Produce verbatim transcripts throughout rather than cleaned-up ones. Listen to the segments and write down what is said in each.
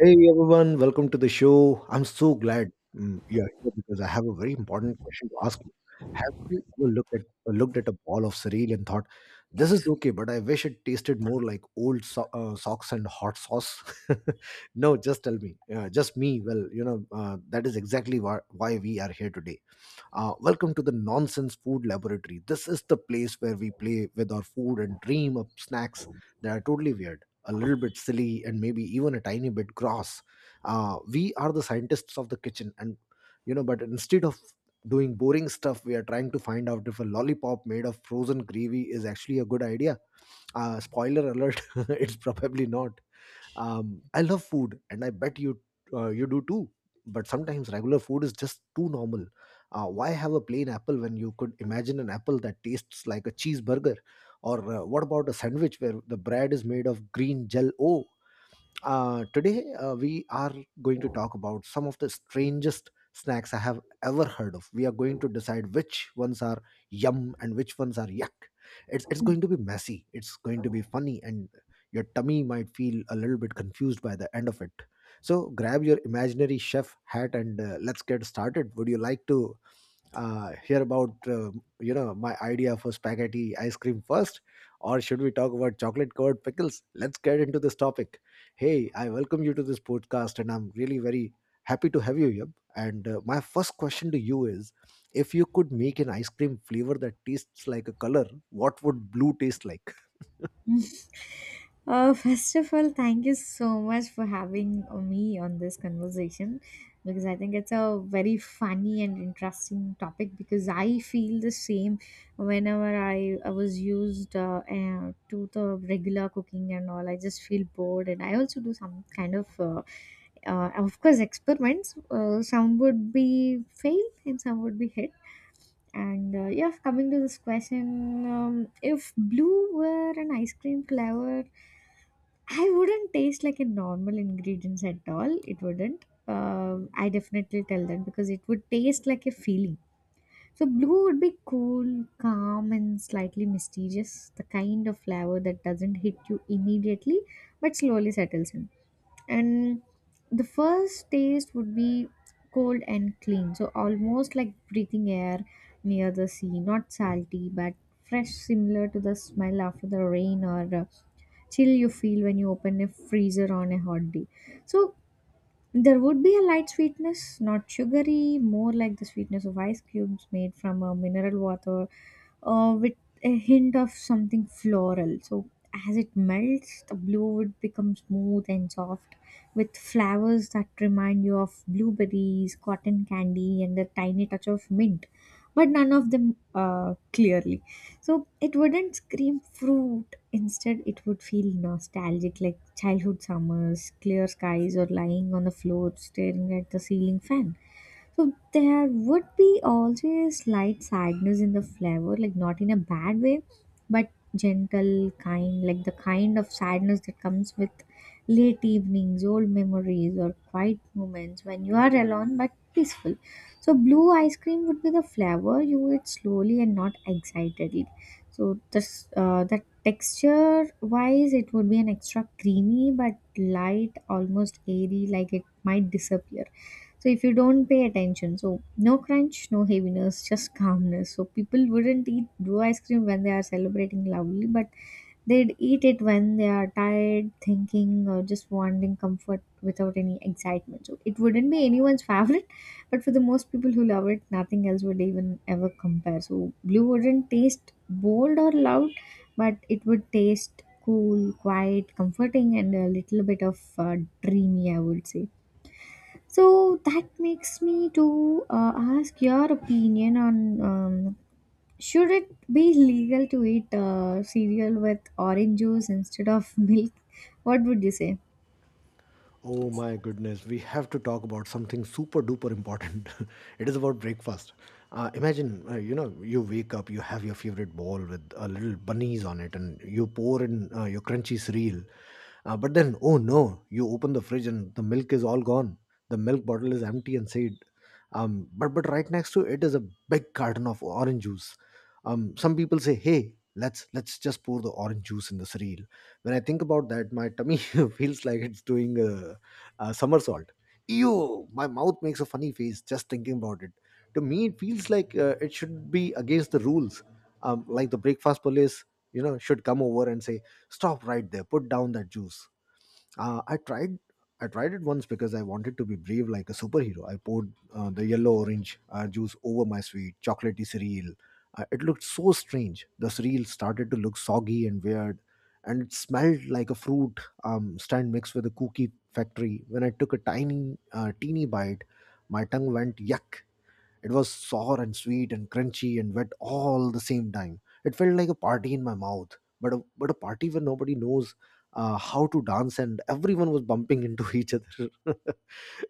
Hey everyone, welcome to the show. I'm so glad um, you're here because I have a very important question to ask you. Have you ever looked at uh, looked at a ball of cereal and thought, "This is okay, but I wish it tasted more like old so- uh, socks and hot sauce"? No, just tell me, uh, just me. Well, you know uh, that is exactly why why we are here today. Uh, welcome to the Nonsense Food Laboratory. This is the place where we play with our food and dream up snacks that are totally weird, a little bit silly, and maybe even a tiny bit gross. Uh, we are the scientists of the kitchen, and you know, but instead of doing boring stuff, we are trying to find out if a lollipop made of frozen gravy is actually a good idea. Uh, spoiler alert, it's probably not. Um, I love food, and I bet you uh, you do too. But sometimes regular food is just too normal. Uh, why have a plain apple when you could imagine an apple that tastes like a cheeseburger? Or uh, what about a sandwich where the bread is made of green gel? Oh, uh, today, uh, we are going to talk about some of the strangest snacks I have ever heard of. We are going to decide which ones are yum and which ones are yuck. It's it's going to be messy. It's going to be funny, and your tummy might feel a little bit confused by the end of it. So grab your imaginary chef hat and uh, let's get started. Would you like to uh, hear about uh, you know my idea for spaghetti ice cream first, or should we talk about chocolate covered pickles? Let's get into this topic. Hey, I welcome you to this podcast, and I'm really very happy to have you here. And uh, my first question to you is, if you could make an ice cream flavor that tastes like a color, what would blue taste like? Uh, first of all, thank you so much for having uh, me on this conversation because I think it's a very funny and interesting topic because I feel the same whenever I, I was used uh, uh, to the regular cooking and all. I just feel bored and I also do some kind of uh, uh, of course experiments, uh, some would be fail and some would be hit, and uh, yeah, coming to this question, um, if blue were an ice cream flavor, I wouldn't taste like a normal ingredients at all. It wouldn't. Um, I definitely tell them because it would taste like a feeling. So blue would be cool, calm, and slightly mysterious. The kind of flavor that doesn't hit you immediately, but slowly settles in, and the first taste would be cold and clean, so almost like breathing air near the sea, not salty but fresh, similar to the smell after the rain, or uh, chill you feel when you open a freezer on a hot day. So there would be a light sweetness, not sugary, more like the sweetness of ice cubes made from a mineral water, uh, with a hint of something floral. So, as it melts, the blue would become smooth and soft with flowers that remind you of blueberries, cotton candy, and a tiny touch of mint, but none of them uh, clearly. So it wouldn't scream fruit. Instead, it would feel nostalgic, like childhood summers, clear skies, or lying on the floor staring at the ceiling fan. So there would be always slight sadness in the flavor, like not in a bad way, but gentle, kind, like the kind of sadness that comes with late evenings, old memories, or quiet moments when you are alone but peaceful. So blue ice cream would be the flavor you eat slowly and not excitedly. So this, uh, the texture wise, it would be an extra creamy but light, almost airy, like it might disappear. So if you don't pay attention, so no crunch, no heaviness, just calmness. So people wouldn't eat blue ice cream when they are celebrating loudly, but they'd eat it when they are tired, thinking, or just wanting comfort without any excitement. So it wouldn't be anyone's favorite, but for the most people who love it, nothing else would even ever compare. So blue wouldn't taste bold or loud, but it would taste cool, quiet, comforting, and a little bit of uh, dreamy, I would say. So that makes me to uh, ask your opinion on, um, should it be legal to eat uh, cereal with orange juice instead of milk? What would you say? Oh my goodness, we have to talk about something super duper important. It is about breakfast. Uh, imagine, uh, you know, you wake up, you have your favorite bowl with a little bunnies on it, and you pour in uh, your crunchy cereal. Uh, but then, oh no, you open the fridge and the milk is all gone. The milk bottle is empty and said, um, but but right next to it is a big carton of orange juice. Um, some people say, hey, let's let's just pour the orange juice in the cereal. When I think about that, my tummy feels like it's doing a, a somersault. Ew, my mouth makes a funny face just thinking about it. To me, it feels like uh, it should be against the rules. Um, like the breakfast police, you know, should come over and say, stop right there, put down that juice. Uh, I tried. I tried it once because I wanted to be brave like a superhero. I poured uh, the yellow orange uh, juice over my sweet chocolatey cereal. Uh, it looked so strange. The cereal started to look soggy and weird, and it smelled like a fruit um, stand mixed with a cookie factory. When I took a tiny, uh, teeny bite, my tongue went yuck. It was sour and sweet and crunchy and wet all the same time. It felt like a party in my mouth, but a, but a party where nobody knows uh, how to dance and everyone was bumping into each other.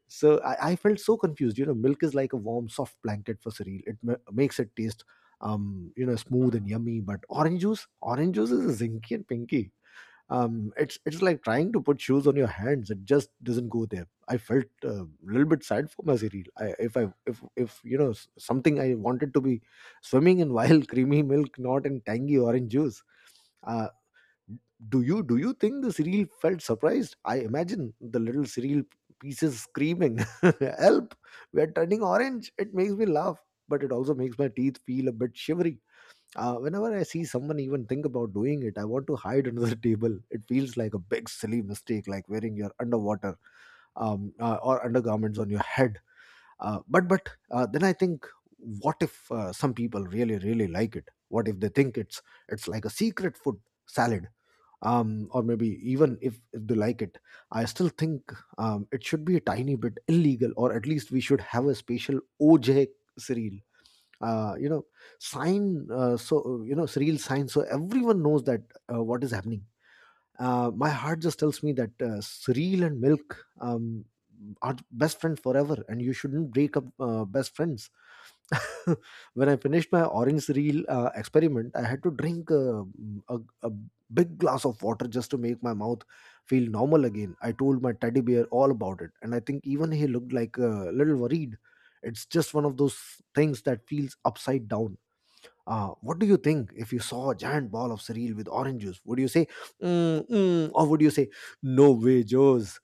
So I, I felt so confused. You know, milk is like a warm, soft blanket for cereal. It ma- makes it taste, um, you know, smooth and yummy. But orange juice, orange juice is zinky and pinky. Um, it's it's like trying to put shoes on your hands. It just doesn't go there. I felt uh, a little bit sad for my cereal. I, if I if if you know s- something I wanted to be swimming in wild creamy milk, not in tangy orange juice. Uh, do you do you think the cereal felt surprised? I imagine the little cereal pieces screaming, "Help! We're turning orange!" It makes me laugh, but it also makes my teeth feel a bit shivery. Uh, whenever I see someone even think about doing it, I want to hide under the table. It feels like a big silly mistake, like wearing your underwater um, uh, or undergarments on your head. Uh, but but uh, then I think, what if uh, some people really really like it? What if they think it's it's like a secret food salad? Um, or maybe even if, if they like it, I still think um, it should be a tiny bit illegal, or at least we should have a special O J serial uh, you know sign, uh, so uh, you know real sign so everyone knows that uh, what is happening. Uh, my heart just tells me that uh, cereal and milk um, are best friends forever, and you shouldn't break up uh, best friends. When I finished my orange cereal uh, experiment, I had to drink uh, a, a big glass of water just to make my mouth feel normal again. I told my teddy bear all about it, and I think even he looked like a little worried. It's just one of those things that feels upside down. Uh, what do you think if you saw a giant ball of cereal with orange juice? Would you say, mm, mm, or would you say, no way, Joes?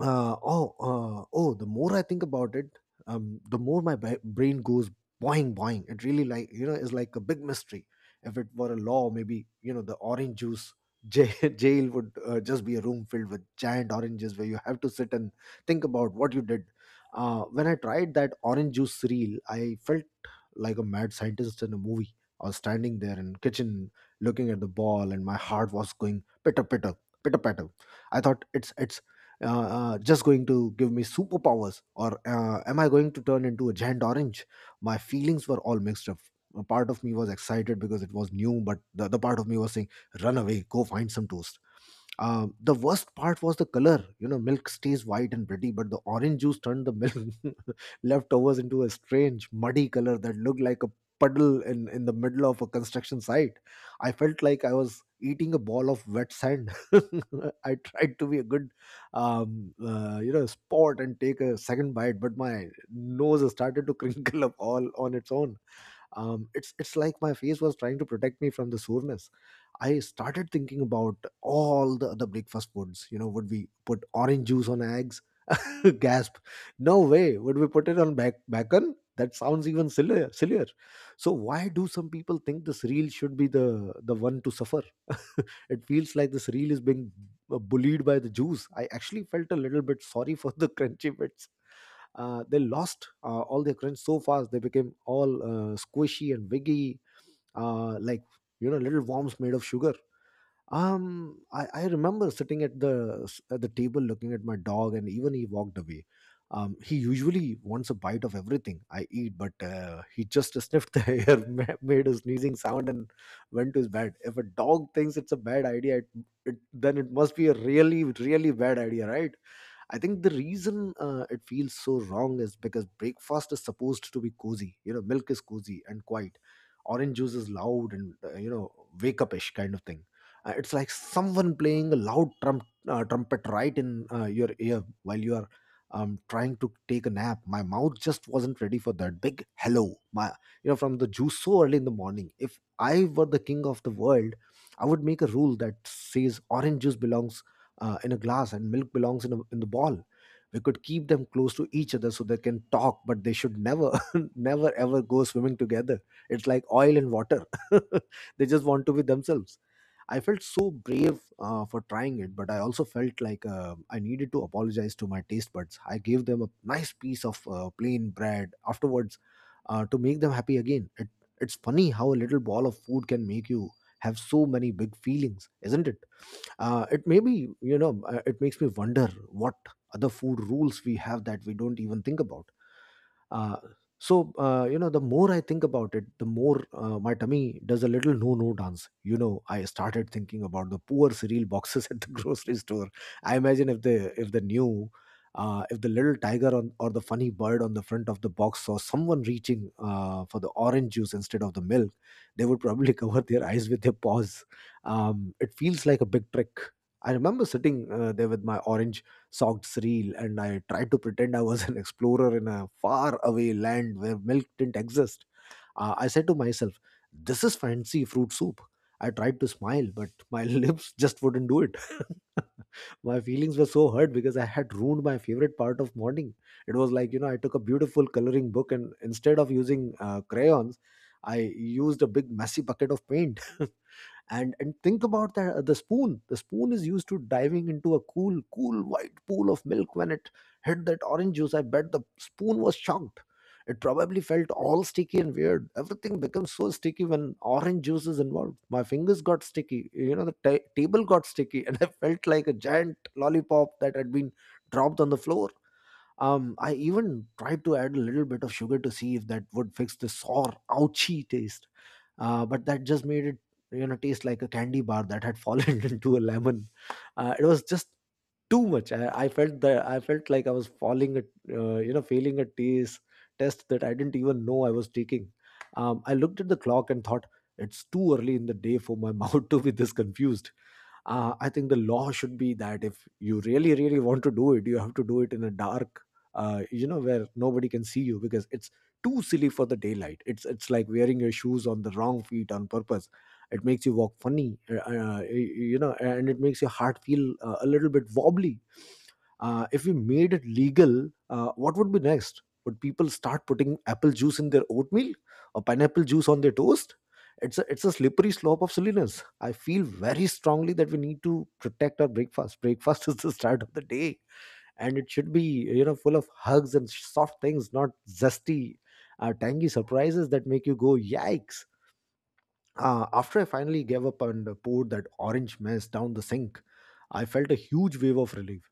Uh, oh, uh, oh, the more I think about it, um, the more my bra- brain goes boing, boing. It really, like, you know, is like a big mystery. If it were a law, maybe, you know, the orange juice jail, jail would uh, just be a room filled with giant oranges where you have to sit and think about what you did. Uh, when I tried that orange juice cereal, I felt like a mad scientist in a movie. I was standing there in kitchen looking at the ball, and my heart was going pitter pitter pitter patter. I thought it's it's uh, uh, just going to give me superpowers, or uh, am I going to turn into a giant orange? My feelings were all mixed up. A part of me was excited because it was new, but the other part of me was saying, "Run away, go find some toast." Uh, the worst part was the color. You know, milk stays white and pretty, but the orange juice turned the milk leftovers into a strange, muddy color that looked like a puddle in, in the middle of a construction site. I felt like I was eating a ball of wet sand. I tried to be a good, um, uh, you know, sport and take a second bite, but my nose started to crinkle up all on its own. Um, it's it's like my face was trying to protect me from the soreness. I started thinking about all the other breakfast foods. You know, would we put orange juice on eggs? Gasp. No way. Would we put it on back bacon? That sounds even sillier sillier. So why do some people think this reel should be the the one to suffer? It feels like this reel is being uh, bullied by the juice. I actually felt a little bit sorry for the crunchy bits. Uh, they lost uh, all their crunch so fast. They became all uh, squishy and wiggy, uh, like, you know, little worms made of sugar. Um I, I remember sitting at the at the table looking at my dog and even he walked away. Um, he usually wants a bite of everything I eat, but uh, he just sniffed the air, ma- made a sneezing sound, and went to his bed. If a dog thinks it's a bad idea, it, it then it must be a really, really bad idea, right? I think the reason uh, it feels so wrong is because breakfast is supposed to be cozy. You know, milk is cozy and quiet. Orange juice is loud and uh, you know wake upish kind of thing. Uh, it's like someone playing a loud trump, uh, trumpet right in uh, your ear while you are um, trying to take a nap. My mouth just wasn't ready for that big hello. My, you know, from the juice so early in the morning. If I were the king of the world, I would make a rule that says orange juice belongs uh, in a glass and milk belongs in, a, in the ball. We could keep them close to each other so they can talk, but they should never never ever go swimming together. It's like oil and water. They just want to be themselves. I felt so brave uh, for trying it, but I also felt like uh, I needed to apologize to my taste buds. I gave them a nice piece of uh, plain bread afterwards uh, to make them happy again. It, it's funny how a little ball of food can make you have so many big feelings, isn't it? Uh, it maybe you know uh, it makes me wonder what other food rules we have that we don't even think about. Uh, so uh, you know, the more I think about it, the more uh, my tummy does a little no-no dance. You know, I started thinking about the poor cereal boxes at the grocery store. I imagine if they if they knew, uh, if the little tiger on or the funny bird on the front of the box saw someone reaching uh, for the orange juice instead of the milk, they would probably cover their eyes with their paws. Um, it feels like a big trick. I remember sitting uh, there with my orange socks reel, and I tried to pretend I was an explorer in a far away land where milk didn't exist. Uh, I said to myself, "This is fancy fruit soup." I tried to smile, but my lips just wouldn't do it. My feelings were so hurt because I had ruined my favorite part of morning. It was like, you know, I took a beautiful coloring book and instead of using uh, crayons, I used a big messy bucket of paint. and and think about that, the spoon the spoon is used to diving into a cool cool white pool of milk. When it hit that orange juice, I bet the spoon was shocked. It probably felt all sticky and weird. Everything becomes so sticky when orange juice is involved. My fingers got sticky, you know, the ta- table got sticky, and I felt like a giant lollipop that had been dropped on the floor. um, I even tried to add a little bit of sugar to see if that would fix the sour, ouchy taste. Uh, but that just made it, you know, taste like a candy bar that had fallen into a lemon. Uh, it was just too much. I, I felt that I felt like I was falling at, uh, you know, failing a taste test that I didn't even know I was taking. Um, I looked at the clock and thought, it's too early in the day for my mouth to be this confused. uh, I think the law should be that if you really really want to do it, you have to do it in a dark, uh, you know, where nobody can see you, because it's too silly for the daylight. It's it's like wearing your shoes on the wrong feet on purpose. It makes you walk funny, uh, uh, you know, and it makes your heart feel uh, a little bit wobbly. Uh, if we made it legal, uh, what would be next? Would people start putting apple juice in their oatmeal or pineapple juice on their toast? It's a it's a slippery slope of silliness. I feel very strongly that we need to protect our breakfast. Breakfast is the start of the day, and it should be, you know, full of hugs and soft things, not zesty, uh, tangy surprises that make you go yikes. Uh, after I finally gave up and poured that orange mess down the sink, I felt a huge wave of relief.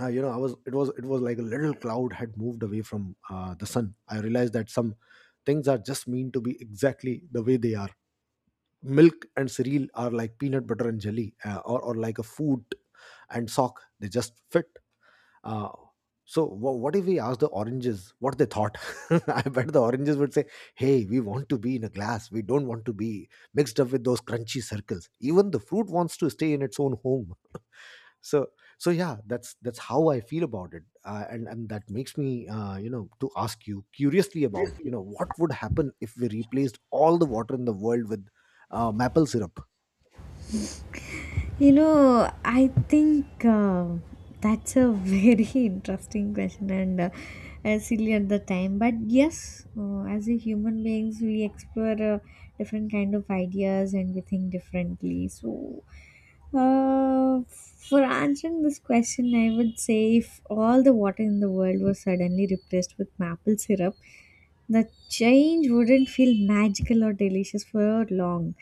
Uh, you know I was it was it was like a little cloud had moved away from uh, the sun. I realized that some things are just meant to be exactly the way they are. Milk and cereal are like peanut butter and jelly, uh, or, or like a food and sock. They just fit. Uh, so wha what if we asked the oranges what they thought? I bet the oranges would say, "Hey, we want to be in a glass. We don't want to be mixed up with those crunchy circles." Even the fruit wants to stay in its own home. So so yeah, that's that's how I feel about it. Uh, and and that makes me, uh, you know to ask you curiously about, you know, what would happen if we replaced all the water in the world with uh, maple syrup. You know, I think uh, that's a very interesting question, and uh, uh, silly at the time. But yes, uh, as a human beings, we explore uh, different kind of ideas and we think differently. So, uh, for answering this question, I would say if all the water in the world was suddenly replaced with maple syrup, the change wouldn't feel magical or delicious for long.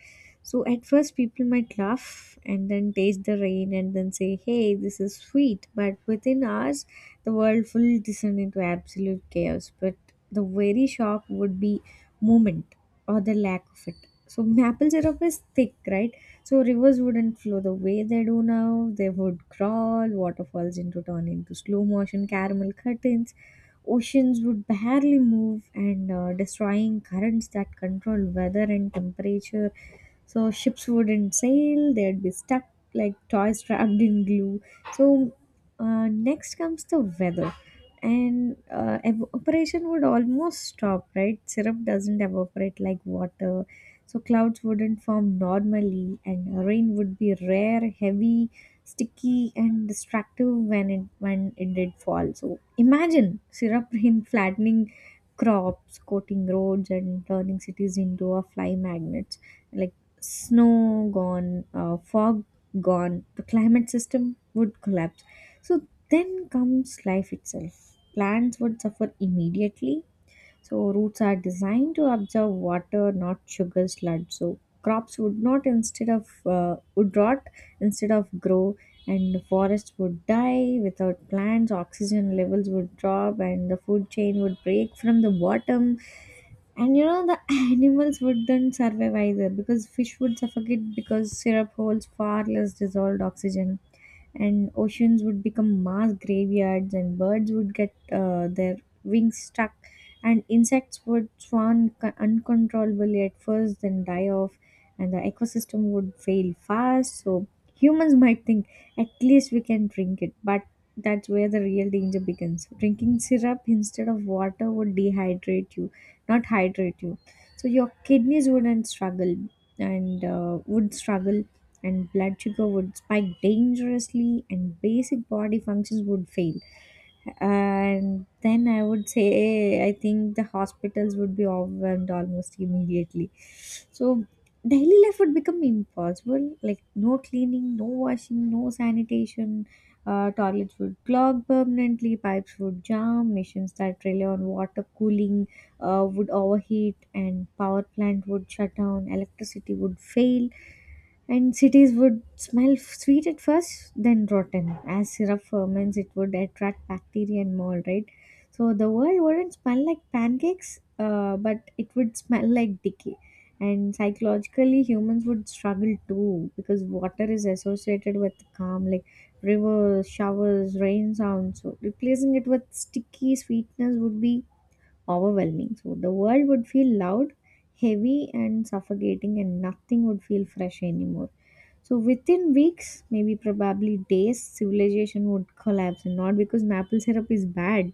So at first, people might laugh and then taste the rain and then say, hey, this is sweet. But within hours, the world will descend into absolute chaos. But the very shock would be moment or the lack of it. So maple syrup is thick, right? So rivers wouldn't flow the way they do now. They would crawl, waterfalls into turn into slow motion caramel curtains. Oceans would barely move, and uh, destroying currents that control weather and temperature, so ships wouldn't sail, they'd be stuck like toys trapped in glue. So, uh, next comes the weather. And uh, evaporation would almost stop, right? Syrup doesn't evaporate like water. So clouds wouldn't form normally, and rain would be rare, heavy, sticky, and destructive when it when it did fall. So imagine syrup rain flattening crops, coating roads, and turning cities into a fly magnets, like snow gone, uh, fog gone, the climate system would collapse. So then comes life itself. Plants would suffer immediately. So roots are designed to absorb water, not sugar sludge. So crops would not instead of uh, would rot instead of grow, and forests would die without plants. Oxygen levels would drop, and the food chain would break from the bottom. And you know, the animals wouldn't survive either, because fish would suffocate because syrup holds far less dissolved oxygen, and oceans would become mass graveyards, and birds would get uh, their wings stuck, and insects would swan co- uncontrollably at first then die off, and the ecosystem would fail fast. So humans might think, at least we can drink it, but that's where the real danger begins. Drinking syrup instead of water would dehydrate you, not hydrate you. So your kidneys wouldn't struggle, and uh, would struggle, and blood sugar would spike dangerously, and basic body functions would fail. And then I would say, I think the hospitals would be overwhelmed almost immediately. So daily life would become impossible, like no cleaning, no washing, no sanitation. Uh, toilets would clog permanently, pipes would jam, machines that rely on water cooling uh, would overheat, and power plant would shut down, electricity would fail, and cities would smell sweet at first, then rotten. As syrup ferments, it would attract bacteria and mold, right? So the world wouldn't smell like pancakes, uh, but it would smell like decay. And psychologically, humans would struggle too because water is associated with calm, like rivers, showers, rain sounds. So replacing it with sticky sweetness would be overwhelming. So the world would feel loud, heavy, and suffocating, and nothing would feel fresh anymore. So within weeks, maybe probably days, civilization would collapse, and not because maple syrup is bad,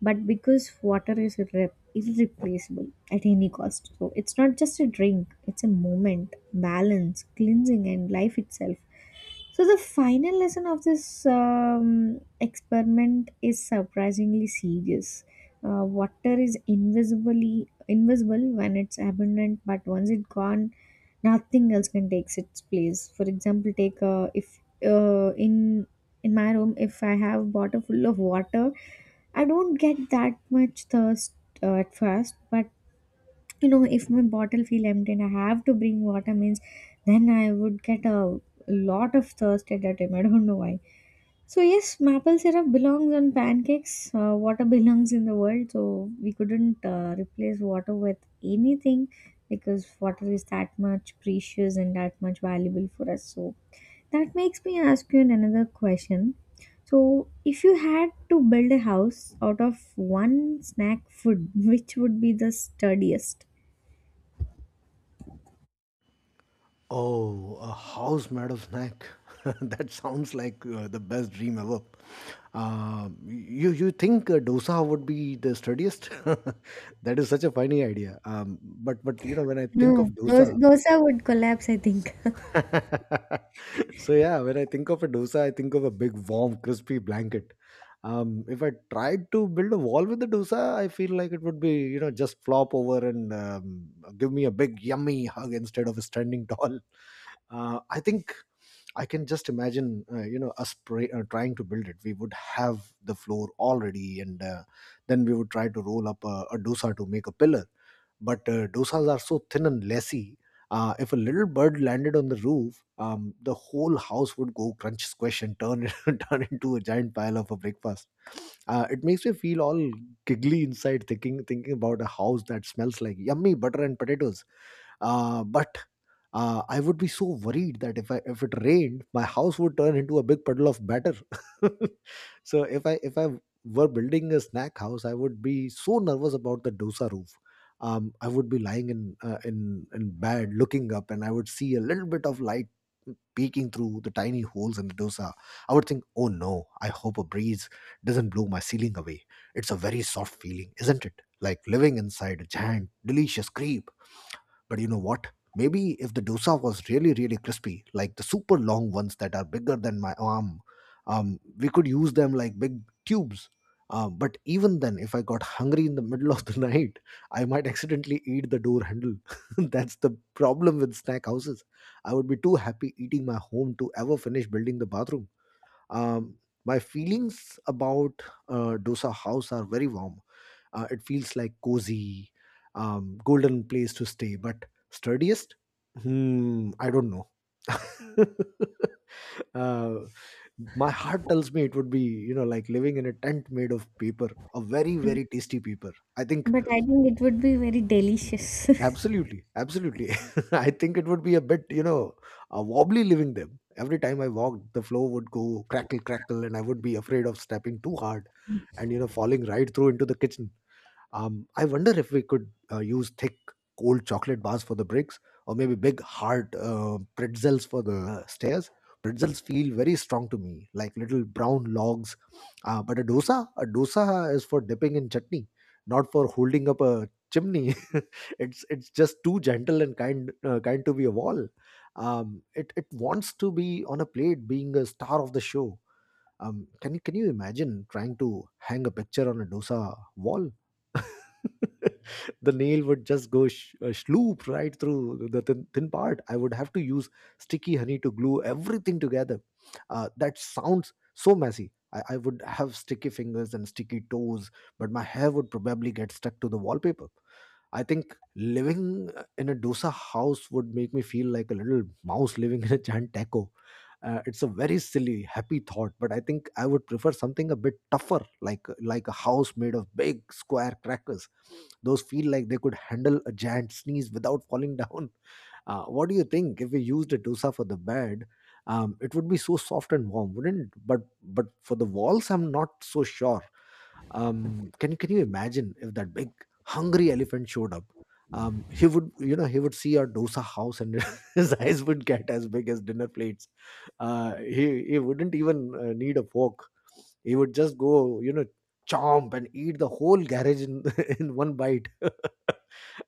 but because water is irre- irreplaceable at any cost. So it's not just a drink; it's a moment, balance, cleansing, and life itself. So the final lesson of this um, experiment is surprisingly serious. Uh, water is invisibly invisible when it's abundant, but once it's gone, nothing else can take its place. For example, take, uh, if, uh, in in my room, if I have bottle full of water, I don't get that much thirst uh, at first, but you know, if my bottle feel empty and I have to bring water means, then I would get a lot of thirst at that time, I don't know why. So yes, maple syrup belongs on pancakes, uh, water belongs in the world, so we couldn't uh, replace water with anything, because water is that much precious and that much valuable for us. So that makes me ask you another question. So if you had to build a house out of one snack food, which would be the sturdiest? Oh, a house made of snack. That sounds like uh, the best dream ever. Um, you you think uh, dosa would be the sturdiest? That is such a funny idea. Um, but but you know, when I think of No, dos dosa, dosa would collapse, I think. so yeah, when I think of a dosa, I think of a big, warm, crispy blanket. Um, if I tried to build a wall with the dosa, I feel like it would be, you know, just flop over and um, give me a big yummy hug instead of standing tall. Uh, I think I can just imagine, uh, you know, us pray, uh, trying to build it. We would have the floor already, and uh, then we would try to roll up a, a dosa to make a pillar. But uh, dosas are so thin and lessy. Uh, if a little bird landed on the roof, um, the whole house would go crunch, squish, and turn turn into a giant pile of a breakfast. Uh, it makes me feel all giggly inside, thinking thinking about a house that smells like yummy butter and potatoes. Uh, but uh, I would be so worried that if I if it rained, my house would turn into a big puddle of batter. So if I if I were building a snack house, I would be so nervous about the dosa roof. Um, I would be lying in uh, in in bed, looking up, and I would see a little bit of light peeking through the tiny holes in the dosa. I would think, "Oh no! I hope a breeze doesn't blow my ceiling away." It's a very soft feeling, isn't it? Like living inside a giant, delicious cream. But you know what? Maybe if the dosa was really, really crispy, like the super long ones that are bigger than my arm, um, we could use them like big tubes. Um, but even then, if I got hungry in the middle of the night, I might accidentally eat the door handle. That's the problem with snack houses. I would be too happy eating my home to ever finish building the bathroom. Um, my feelings about uh, dosa house are very warm. Uh, it feels like cozy, um, golden place to stay. But sturdiest? Hmm, I don't know. uh, my heart tells me it would be, you know, like living in a tent made of paper, a very, Mm. very tasty paper. I think But I think it would be very delicious. absolutely, absolutely. I think it would be a bit, you know, uh, wobbly living them. Every time I walked, the floor would go crackle, crackle, and I would be afraid of stepping too hard and, you know, falling right through into the kitchen. Um, I wonder if we could uh, use thick, cold chocolate bars for the bricks, or maybe big, hard uh, pretzels for the stairs. Pretzels feel very strong to me, like little brown logs. Uh, but a dosa, a dosa is for dipping in chutney, not for holding up a chimney. it's it's just too gentle and kind, uh, kind to be a wall. Um, it it wants to be on a plate, being a star of the show. Um, can you can you imagine trying to hang a picture on a dosa wall? The nail would just go sh- uh, sloop right through the thin, thin part. I would have to use sticky honey to glue everything together. Uh, that sounds so messy. I, I would have sticky fingers and sticky toes, but my hair would probably get stuck to the wallpaper. I think living in a dosa house would make me feel like a little mouse living in a giant taco. Uh, it's a very silly, happy thought, but I think I would prefer something a bit tougher, like like a house made of big square crackers. Those feel like they could handle a giant sneeze without falling down. Uh, what do you think? If we used a dosa for the bed, um, it would be so soft and warm, wouldn't it? But but for the walls, I'm not so sure. Um, can can you imagine if that big hungry elephant showed up? Um, he would, you know, he would see our dosa house, and his eyes would get as big as dinner plates. Uh, he he wouldn't even uh, need a fork. He would just go, you know, chomp and eat the whole garage in in one bite.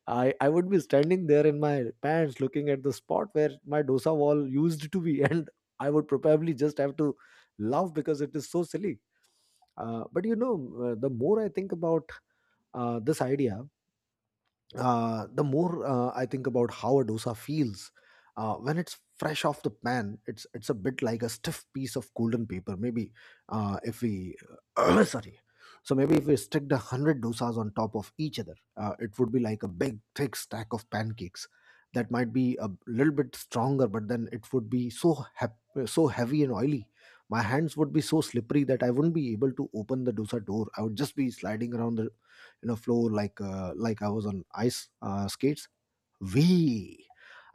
I I would be standing there in my pants, looking at the spot where my dosa wall used to be, and I would probably just have to laugh because it is so silly. Uh, but you know, uh, the more I think about uh, this idea, uh, the more uh, I think about how a dosa feels uh, when it's fresh off the pan, it's it's a bit like a stiff piece of golden paper. Maybe uh, if we sorry, so maybe if we sticked a hundred dosas on top of each other, uh, it would be like a big thick stack of pancakes. That might be a little bit stronger, but then it would be so hep- so heavy and oily. My hands would be so slippery that I wouldn't be able to open the dosa door. I would just be sliding around the you know flow like uh, like I was on ice uh, skates way.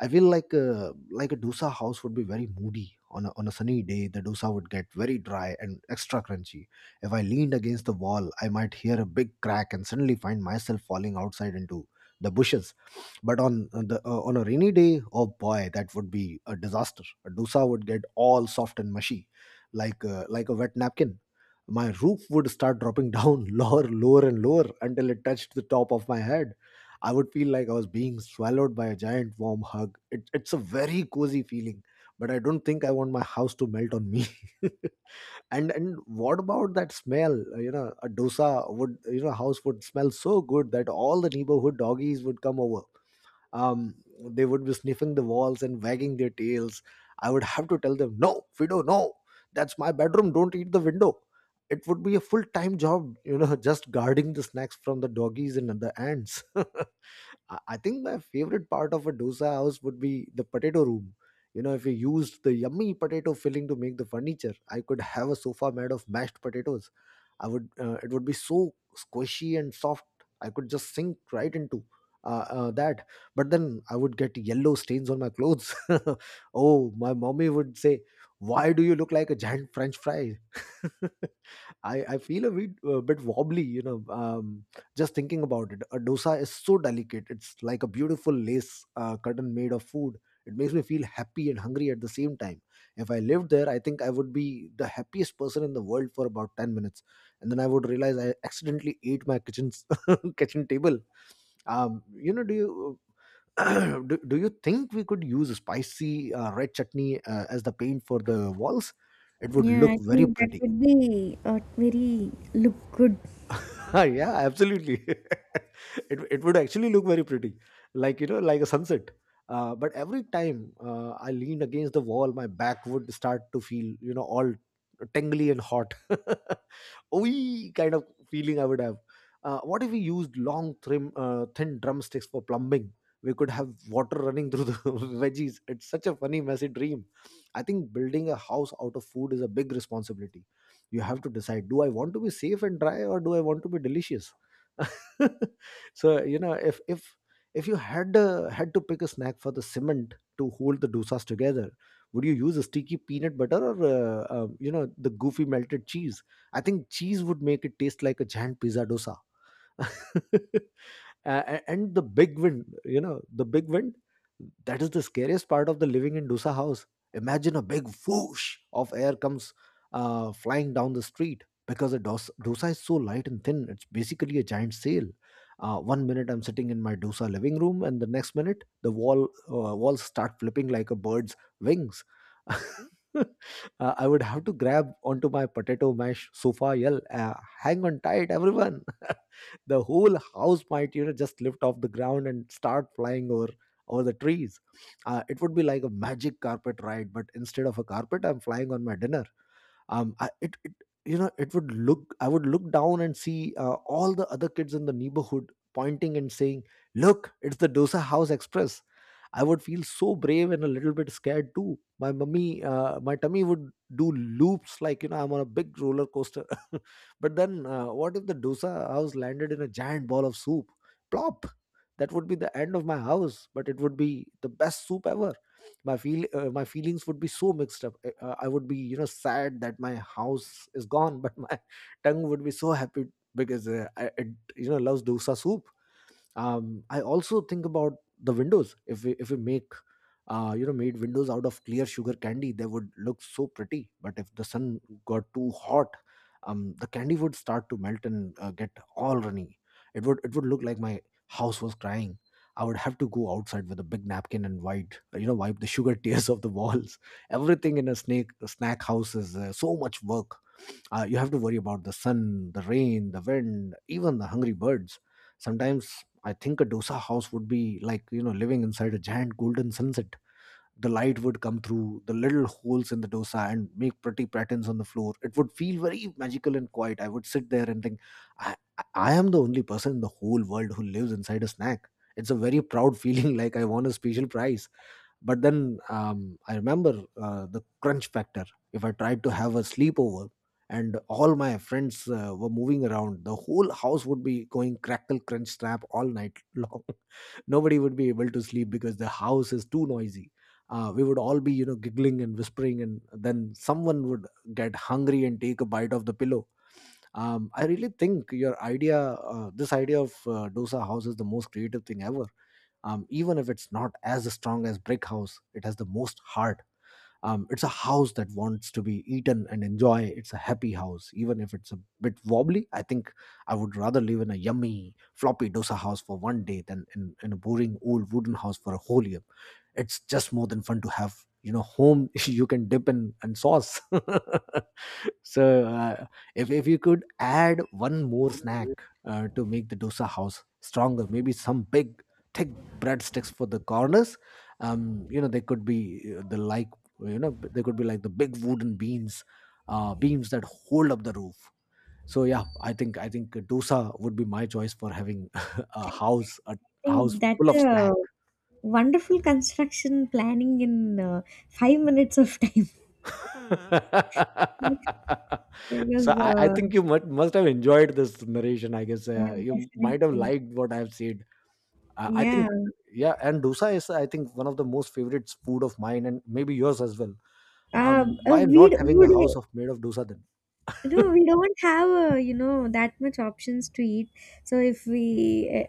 I feel like uh, like a dosa house would be very moody on a, on a sunny day. The dosa would get very dry and extra crunchy. If I leaned against the wall, I might hear a big crack and suddenly find myself falling outside into the bushes. But on the uh, on a rainy day, oh boy, that would be a disaster. A dosa would get all soft and mushy, like uh, like a wet napkin. My roof would start dropping down lower, lower, and lower until it touched the top of my head. I would feel like I was being swallowed by a giant warm hug. It, it's a very cozy feeling, but I don't think I want my house to melt on me. and and what about that smell? Uh, You know, a dosa would you know house would smell so good that all the neighborhood doggies would come over. Um, they would be sniffing the walls and wagging their tails. I would have to tell them, no, Fido, no, that's my bedroom. Don't eat the window. It would be a full time job, you know, just guarding the snacks from the doggies and the ants. I I think my favorite part of a dosa house would be the potato room. You know, if you used the yummy potato filling to make the furniture, I could have a sofa made of mashed potatoes. I would. Uh, it would be so squishy and soft. I could just sink right into uh, uh, that. But then I would get yellow stains on my clothes. Oh, my mommy would say, "Why do you look like a giant French fry?" I, I feel a bit, a bit wobbly, you know, um, just thinking about it. A dosa is so delicate. It's like a beautiful lace uh, curtain made of food. It makes me feel happy and hungry at the same time. If I lived there, I think I would be the happiest person in the world for about ten minutes. And then I would realize I accidentally ate my kitchen's kitchen table. Um, you know, do you do, do you think we could use spicy uh, red chutney uh, as the paint for the walls? It would Yeah, look I very think that pretty. would be a very look good. I Ah, yeah, absolutely. it it would actually look very pretty, like you know, like a sunset. Uh, but every time uh, I leaned against the wall, my back would start to feel, you know, all tingly and hot. Ooey kind of feeling I would have. Uh, what if we used long, trim, uh, thin drumsticks for plumbing? We could have water running through the veggies. It's such a funny, messy dream. I think building a house out of food is a big responsibility. You have to decide, do I want to be safe and dry or do I want to be delicious? So, you know, if if if you had uh, had to pick a snack for the cement to hold the dosas together, would you use a sticky peanut butter or uh, um, you know the goofy melted cheese? I think cheese would make it taste like a giant pizza dosa. A- and the big wind you know the big wind, that is the scariest part of the living in dusa house. Imagine a big whoosh of air comes uh, flying down the street because the dos- dusa is so light and thin, it's basically a giant sail. Uh, one minute I'm sitting in my dusa living room and the next minute the wall uh, walls start flipping like a bird's wings. uh, I would have to grab onto my potato mash sofa, yell, uh, hang on tight everyone. The whole house might, you know, just lift off the ground and start flying over over the trees. Uh, it would be like a magic carpet ride but instead of a carpet I'm flying on my dinner. Um I, it, it you know it would look I would look down and see uh, all the other kids in the neighborhood pointing and saying, look, it's the dosa house express. I would feel so brave and a little bit scared too. My mummy uh, my tummy would do loops, like, you know, I'm on a big roller coaster. But then uh, what if the dosa house landed in a giant ball of soup? Plop. That would be the end of my house but it would be the best soup ever. My feel uh, my feelings would be so mixed up. Uh, uh, I would be, you know sad that my house is gone, but my tongue would be so happy because uh, I, it you know loves dosa soup. Um, I also think about the windows. If we if we make uh, you know made windows out of clear sugar candy they would look so pretty, but if the sun got too hot, um, the candy would start to melt and uh, get all runny. It would it would look like my house was crying. I would have to go outside with a big napkin and wipe, uh, you know wipe the sugar tears off the walls. Everything in a snake a snack house is uh, so much work. Uh, you have to worry about the sun, the rain, the wind, even the hungry birds. Sometimes I think a dosa house would be like, you know, living inside a giant golden sunset. The light would come through the little holes in the dosa and make pretty patterns on the floor. It would feel very magical and quiet. I would sit there and think, i i am the only person in the whole world who lives inside a snack. It's a very proud feeling, like I won a special prize. But then, um, I remember uh, the crunch factor. If I tried to have a sleepover and all my friends uh, were moving around, the whole house would be going crackle crunch snap all night long. Nobody would be able to sleep because the house is too noisy. Uh, we would all be, you know giggling and whispering, and then someone would get hungry and take a bite of the pillow. um, I really think your idea uh, this idea of uh, dosa house is the most creative thing ever. Um, even if it's not as strong as brick house, it has the most heart. Um, it's a house that wants to be eaten and enjoy. It's a happy house even if it's a bit wobbly. I think I would rather live in a yummy floppy dosa house for one day than in, in a boring old wooden house for a whole year. It's just more than fun to have, you know, home you can dip in and sauce. So, uh, if if you could add one more snack uh, to make the dosa house stronger, maybe some big thick breadsticks for the corners. Um, you know, they could be uh, the like you know they could be like the big wooden beams, uh, beams that hold up the roof. So yeah, I think I think dosa would be my choice for having a house a house think full that's of a snacks. wonderful construction planning in uh, five minutes of time. Because, So I, I uh, think you must, must have enjoyed this narration. I guess uh, yeah, you might have definitely. liked what I've said. Uh, I Yeah. think, yeah, and dosa is, I think, one of the most favorite food of mine and maybe yours as well. Uh, Um, uh, why We not having a house would. of made of dosa then? No, we don't have uh, you know that much options to eat. So if we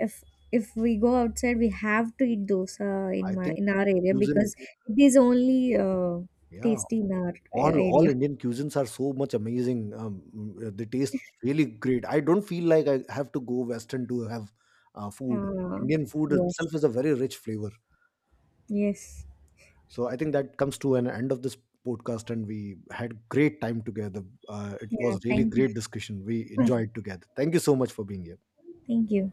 if if we go outside, we have to eat dosa I in my think in our area, cuisine, because it is only uh, yeah, tasty in our uh, all all area. Indian cuisines are so much amazing. Um, mm, uh, they taste really great. I don't feel like I have to go Western to have uh, food. Uh, Indian food yes, itself is a very rich flavor. yes, So I think that comes to an end of this podcast, and we had great time together. Uh, it yeah. was really Thank you, great discussion. We enjoyed together. Thank you so much for being here. thank you.